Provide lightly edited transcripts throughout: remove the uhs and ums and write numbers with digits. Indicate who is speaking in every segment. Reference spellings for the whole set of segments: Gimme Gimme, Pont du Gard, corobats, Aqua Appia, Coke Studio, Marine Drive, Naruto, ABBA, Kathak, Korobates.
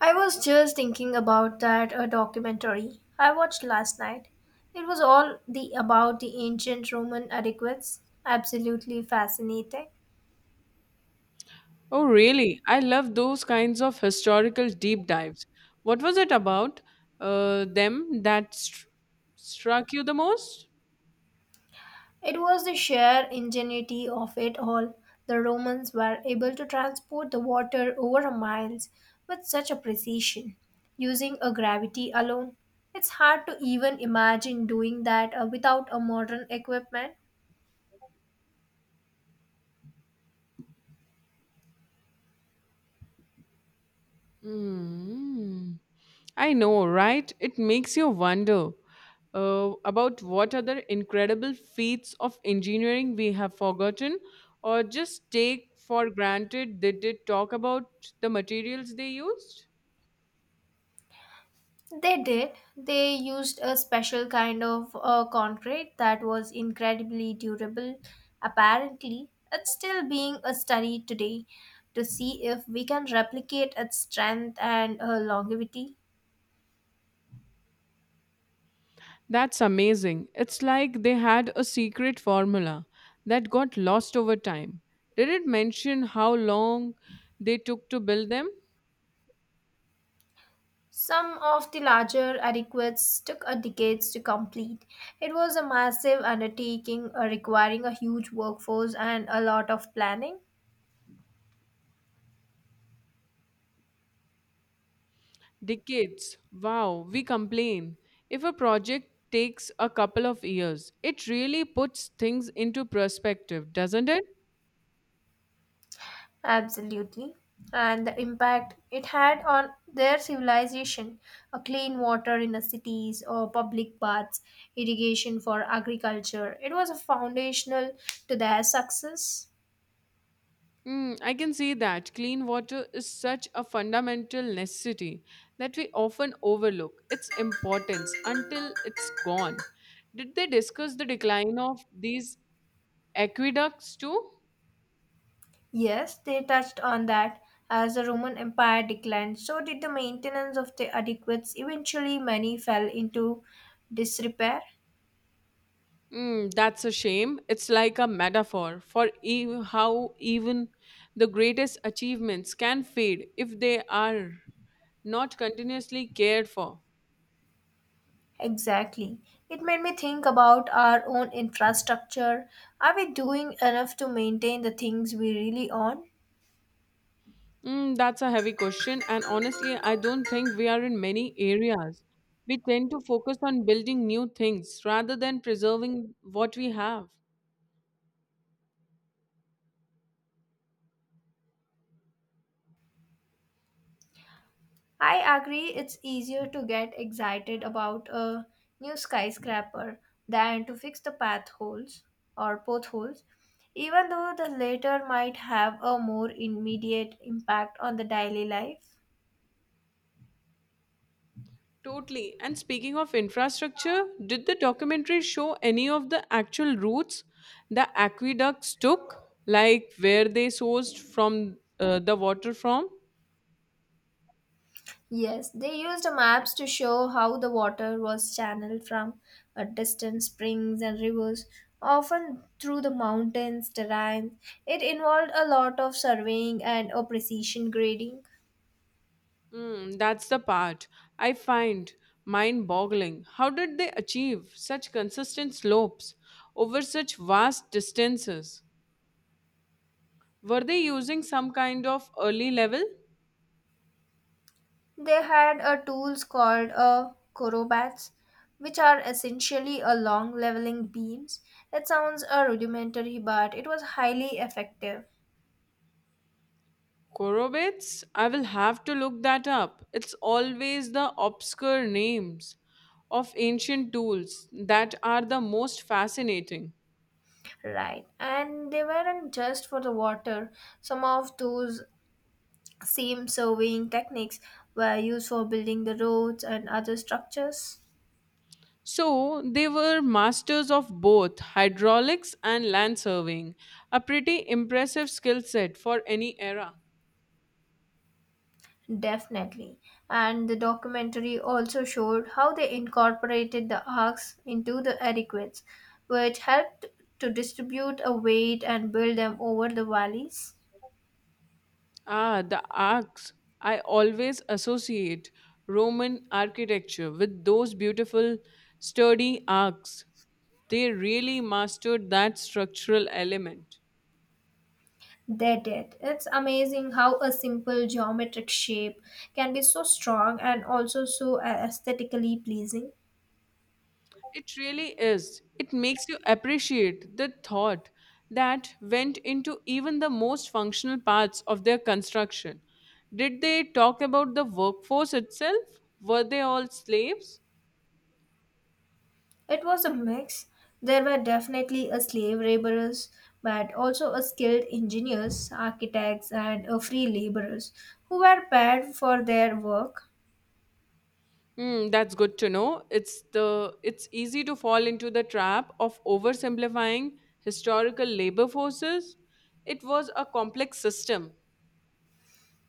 Speaker 1: I was just thinking about that documentary I watched last night. It was all the about the ancient Roman adequates. Absolutely fascinating.
Speaker 2: Oh, really? I love those kinds of historical deep dives. What was it about them struck you the most?
Speaker 1: It was the sheer ingenuity of it all. The Romans were able to transport the water over a miles with such a precision, using a gravity alone. It's hard to even imagine doing that without a modern equipment.
Speaker 2: Mm. I know, right? It makes you wonder about what other incredible feats of engineering we have forgotten or just take for granted. They did talk about the materials they used.
Speaker 1: They did. They used a special kind of concrete that was incredibly durable. Apparently, it's still being studied today to see if we can replicate its strength and longevity.
Speaker 2: That's amazing. It's like they had a secret formula that got lost over time. Did it mention how long they took to build them?
Speaker 1: Some of the larger adequates took a decades to complete. It was a massive undertaking requiring a huge workforce and a lot of planning.
Speaker 2: Decades. Wow, we complain. If a project takes a couple of years, it really puts things into perspective, doesn't it?
Speaker 1: Absolutely. And the impact it had on their civilization, a clean water in the cities or public baths, irrigation for agriculture. It was a foundational to their success.
Speaker 2: Mm, I can see that clean water is such a fundamental necessity that we often overlook its importance until it's gone. Did they discuss the decline of these aqueducts too?
Speaker 1: Yes, they touched on that. As the Roman Empire declined, so did the maintenance of the adequates. Eventually, many fell into disrepair.
Speaker 2: Mm, that's a shame. It's like a metaphor for how even the greatest achievements can fade if they are not continuously cared for.
Speaker 1: Exactly. It made me think about our own infrastructure. Are we doing enough to maintain the things we really own?
Speaker 2: Mm, that's a heavy question, and honestly, I don't think we are in many areas. We tend to focus on building new things rather than preserving what we have.
Speaker 1: I agree, it's easier to get excited about a new skyscraper than to fix the path holes or potholes, even though the latter might have a more immediate impact on the daily life.
Speaker 2: Totally. And speaking of infrastructure, did the documentary show any of the actual routes the aqueducts took, like where they sourced from the water from?
Speaker 1: Yes, they used maps to show how the water was channeled from distant springs and rivers, often through the mountains, terrain. It involved a lot of surveying and a precision grading.
Speaker 2: Mm, that's the part I find mind boggling. How did they achieve such consistent slopes over such vast distances? Were they using some kind of early level?
Speaker 1: They had a tools called a corobats, which are essentially a long leveling beams. It sounds a rudimentary, but it was highly effective.
Speaker 2: Korobates? I will have to look that up. It's always the obscure names of ancient tools that are the most fascinating.
Speaker 1: Right, and they weren't just for the water. Some of those same surveying techniques were used for building the roads and other structures.
Speaker 2: So they were masters of both hydraulics and land surveying, a pretty impressive skill set for any era.
Speaker 1: Definitely. And the documentary also showed how they incorporated the arcs into the adequates, which helped to distribute a weight and build them over the valleys.
Speaker 2: Ah, the arcs. I always associate Roman architecture with those beautiful, sturdy arcs. They really mastered that structural element.
Speaker 1: They did. It's amazing how a simple geometric shape can be so strong and also so aesthetically pleasing.
Speaker 2: It really is. It makes you appreciate the thought that went into even the most functional parts of their construction. Did they talk about the workforce itself? Were they all slaves?
Speaker 1: It was a mix. There were definitely a slave laborers, but also a skilled engineers, architects, and a free laborers who were paid for their work.
Speaker 2: Hmm, that's good to know. It's easy to fall into the trap of oversimplifying historical labor forces. It was a complex system.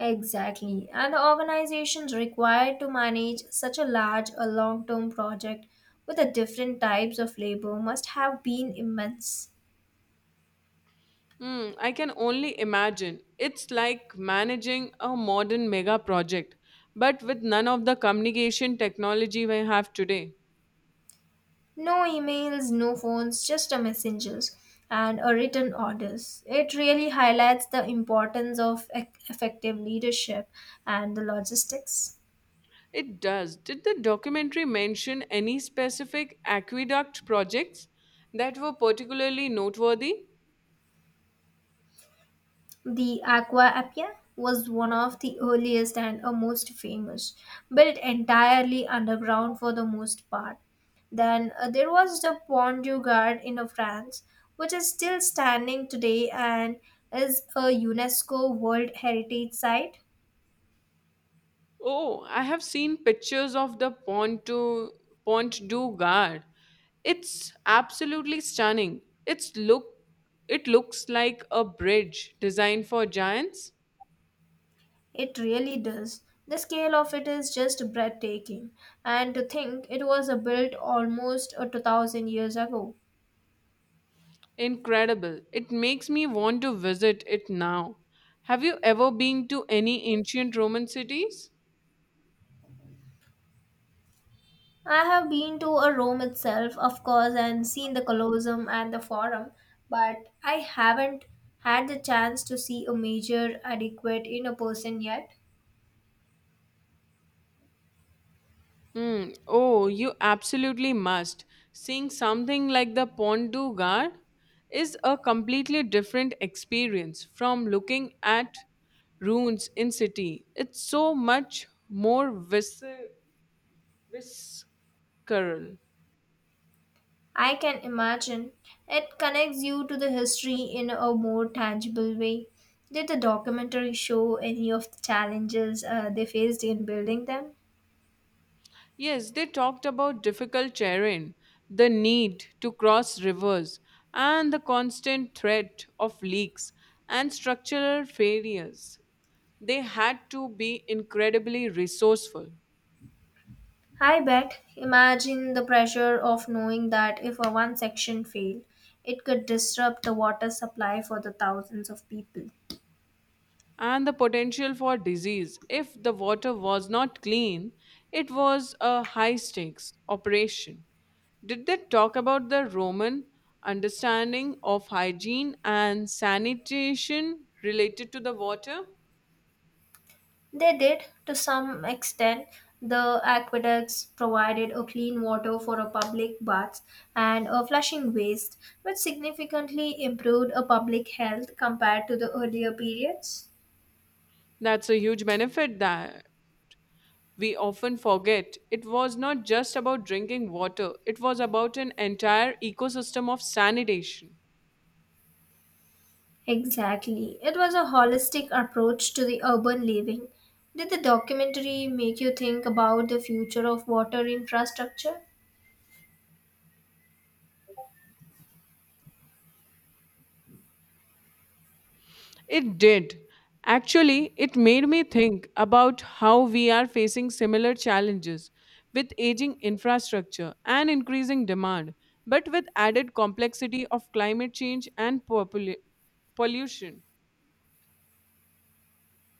Speaker 1: Exactly, and the organizations required to manage such a large, a long-term project with the different types of labor must have been immense.
Speaker 2: Hmm, I can only imagine. It's like managing a modern mega project, but with none of the communication technology we have today.
Speaker 1: No emails, no phones, just a messengers and a written orders. It really highlights the importance of effective leadership and the logistics.
Speaker 2: It does. Did the documentary mention any specific aqueduct projects that were particularly noteworthy?
Speaker 1: The Aqua Appia was one of the earliest and a most famous, built entirely underground for the most part. Then there was the Pont du Gard in France, which is still standing today and is a UNESCO World Heritage Site.
Speaker 2: Oh, I have seen pictures of the Pont du Gard. It's absolutely stunning. It's look it looks like a bridge designed for giants.
Speaker 1: It really does. The scale of it is just breathtaking. And to think it was built almost 2000 years ago.
Speaker 2: Incredible. It makes me want to visit it now. Have you ever been to any ancient Roman cities?
Speaker 1: I have been to a Rome itself, of course, and seen the Colosseum and the Forum, but I haven't had the chance to see a major adequate in a person yet.
Speaker 2: Hmm. Oh, you absolutely must. Seeing something like the Pont du Gard is a completely different experience from looking at ruins in city. It's so much more visceral.
Speaker 1: I can imagine it connects you to the history in a more tangible way. Did the documentary show any of the challenges they faced in building them?
Speaker 2: Yes, they talked about difficult terrain, the need to cross rivers, and the constant threat of leaks and structural failures. They had to be incredibly resourceful.
Speaker 1: I bet. Imagine the pressure of knowing that if a one section failed, it could disrupt the water supply for the thousands of people.
Speaker 2: And the potential for disease, if the water was not clean, it was a high stakes operation. Did they talk about the Roman understanding of hygiene and sanitation related to the water?
Speaker 1: They did, to some extent. The aqueducts provided a clean water for a public baths and a flushing waste, which significantly improved a public health compared to the earlier periods.
Speaker 2: That's a huge benefit that we often forget. It was not just about drinking water, it was about an entire ecosystem of sanitation.
Speaker 1: Exactly. It was a holistic approach to the urban living. Did the documentary make you think about the future of water infrastructure?
Speaker 2: It did. Actually, it made me think about how we are facing similar challenges with aging infrastructure and increasing demand, but with added complexity of climate change and pollution.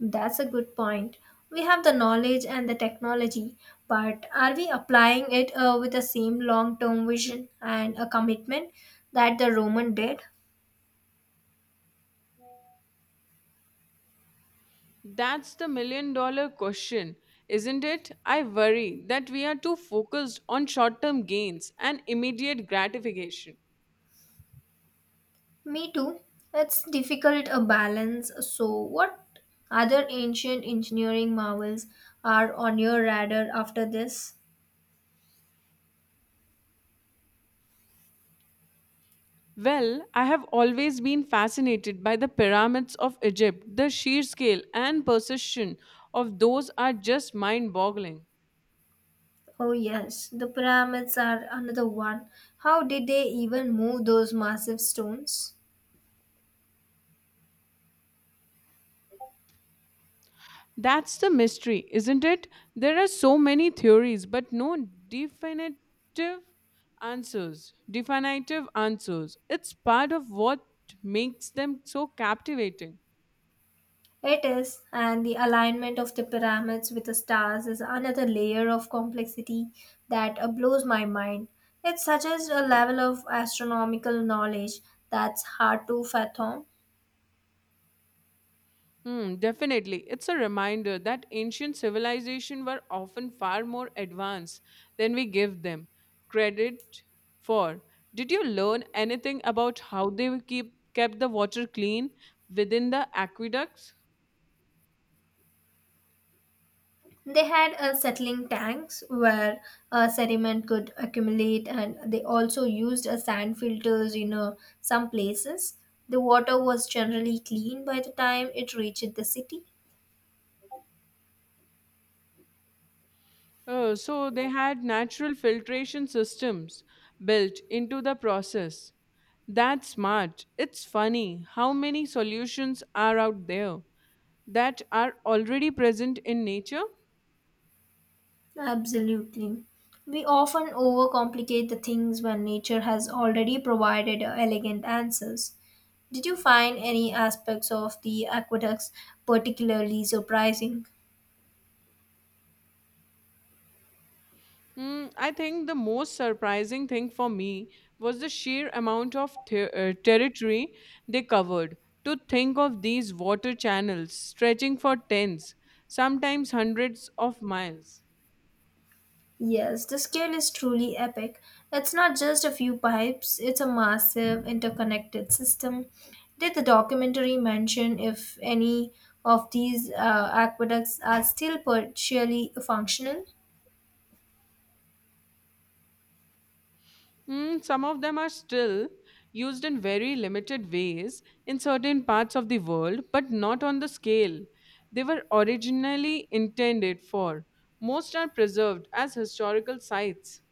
Speaker 1: That's a good point. We have the knowledge and the technology, but are we applying it with the same long term vision and a commitment that the Roman did?
Speaker 2: That's the million dollar question, isn't it? I worry that we are too focused on short term gains and immediate gratification.
Speaker 1: Me too. It's difficult a balance. So, what other ancient engineering marvels are on your radar after this?
Speaker 2: Well, I have always been fascinated by the pyramids of Egypt. The sheer scale and precision of those are just mind boggling.
Speaker 1: Oh, yes, the pyramids are another one. How did they even move those massive stones?
Speaker 2: That's the mystery, isn't it? There are so many theories, but no definitive answers. Definitive answers. It's part of what makes them so captivating.
Speaker 1: It is, and the alignment of the pyramids with the stars is another layer of complexity that blows my mind. It suggests a level of astronomical knowledge that's hard to fathom.
Speaker 2: Hmm, definitely. It's a reminder that ancient civilizations were often far more advanced than we give them credit for. Did you learn anything about how they keep kept the water clean within the aqueducts?
Speaker 1: They had settling tanks where sediment could accumulate, and they also used sand filters in some places. The water was generally clean by the time it reached the city.
Speaker 2: Oh, so they had natural filtration systems built into the process. That's smart. It's funny how many solutions are out there that are already present in nature.
Speaker 1: Absolutely. We often overcomplicate the things when nature has already provided elegant answers. Did you find any aspects of the aqueducts particularly surprising?
Speaker 2: Hmm, I think the most surprising thing for me was the sheer amount of territory they covered. To think of these water channels stretching for tens, sometimes hundreds of miles.
Speaker 1: Yes, the scale is truly epic. It's not just a few pipes, it's a massive interconnected system. Did the documentary mention if any of these aqueducts are still partially functional?
Speaker 2: Mm, some of them are still used in very limited ways in certain parts of the world, but not on the scale they were originally intended for. Most are preserved as historical sites.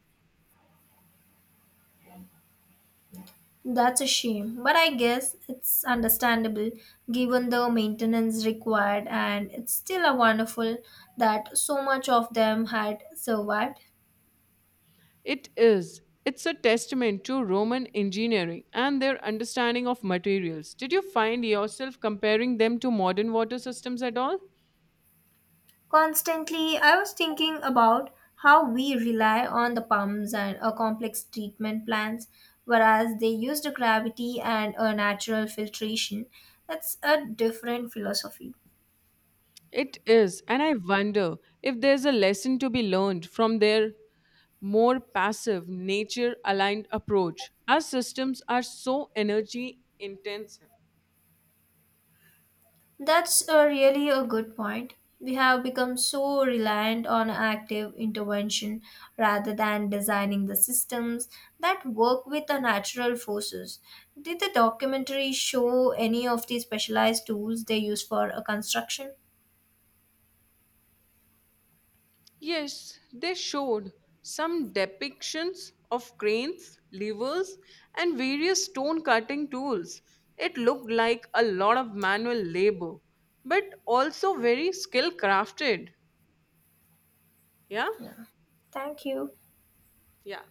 Speaker 1: That's a shame, but I guess it's understandable given the maintenance required, and it's still a wonderful that so much of them had survived.
Speaker 2: It is. It's a testament to Roman engineering and their understanding of materials. Did you find yourself comparing them to modern water systems at all?
Speaker 1: Constantly, I was thinking about how we rely on the pumps and complex treatment plants, whereas they use the gravity and a natural filtration. That's a different philosophy.
Speaker 2: It is, and I wonder if there's a lesson to be learned from their more passive, nature aligned approach. Our systems are so energy intensive.
Speaker 1: That's a really a good point. We have become so reliant on active intervention rather than designing the systems that work with the natural forces. Did the documentary show any of the specialized tools they use for a construction?
Speaker 2: Yes, they showed some depictions of cranes, levers, and various stone cutting tools. It looked like a lot of manual labor, but also very skill crafted. Yeah?
Speaker 1: Yeah. Thank you.
Speaker 2: Yeah.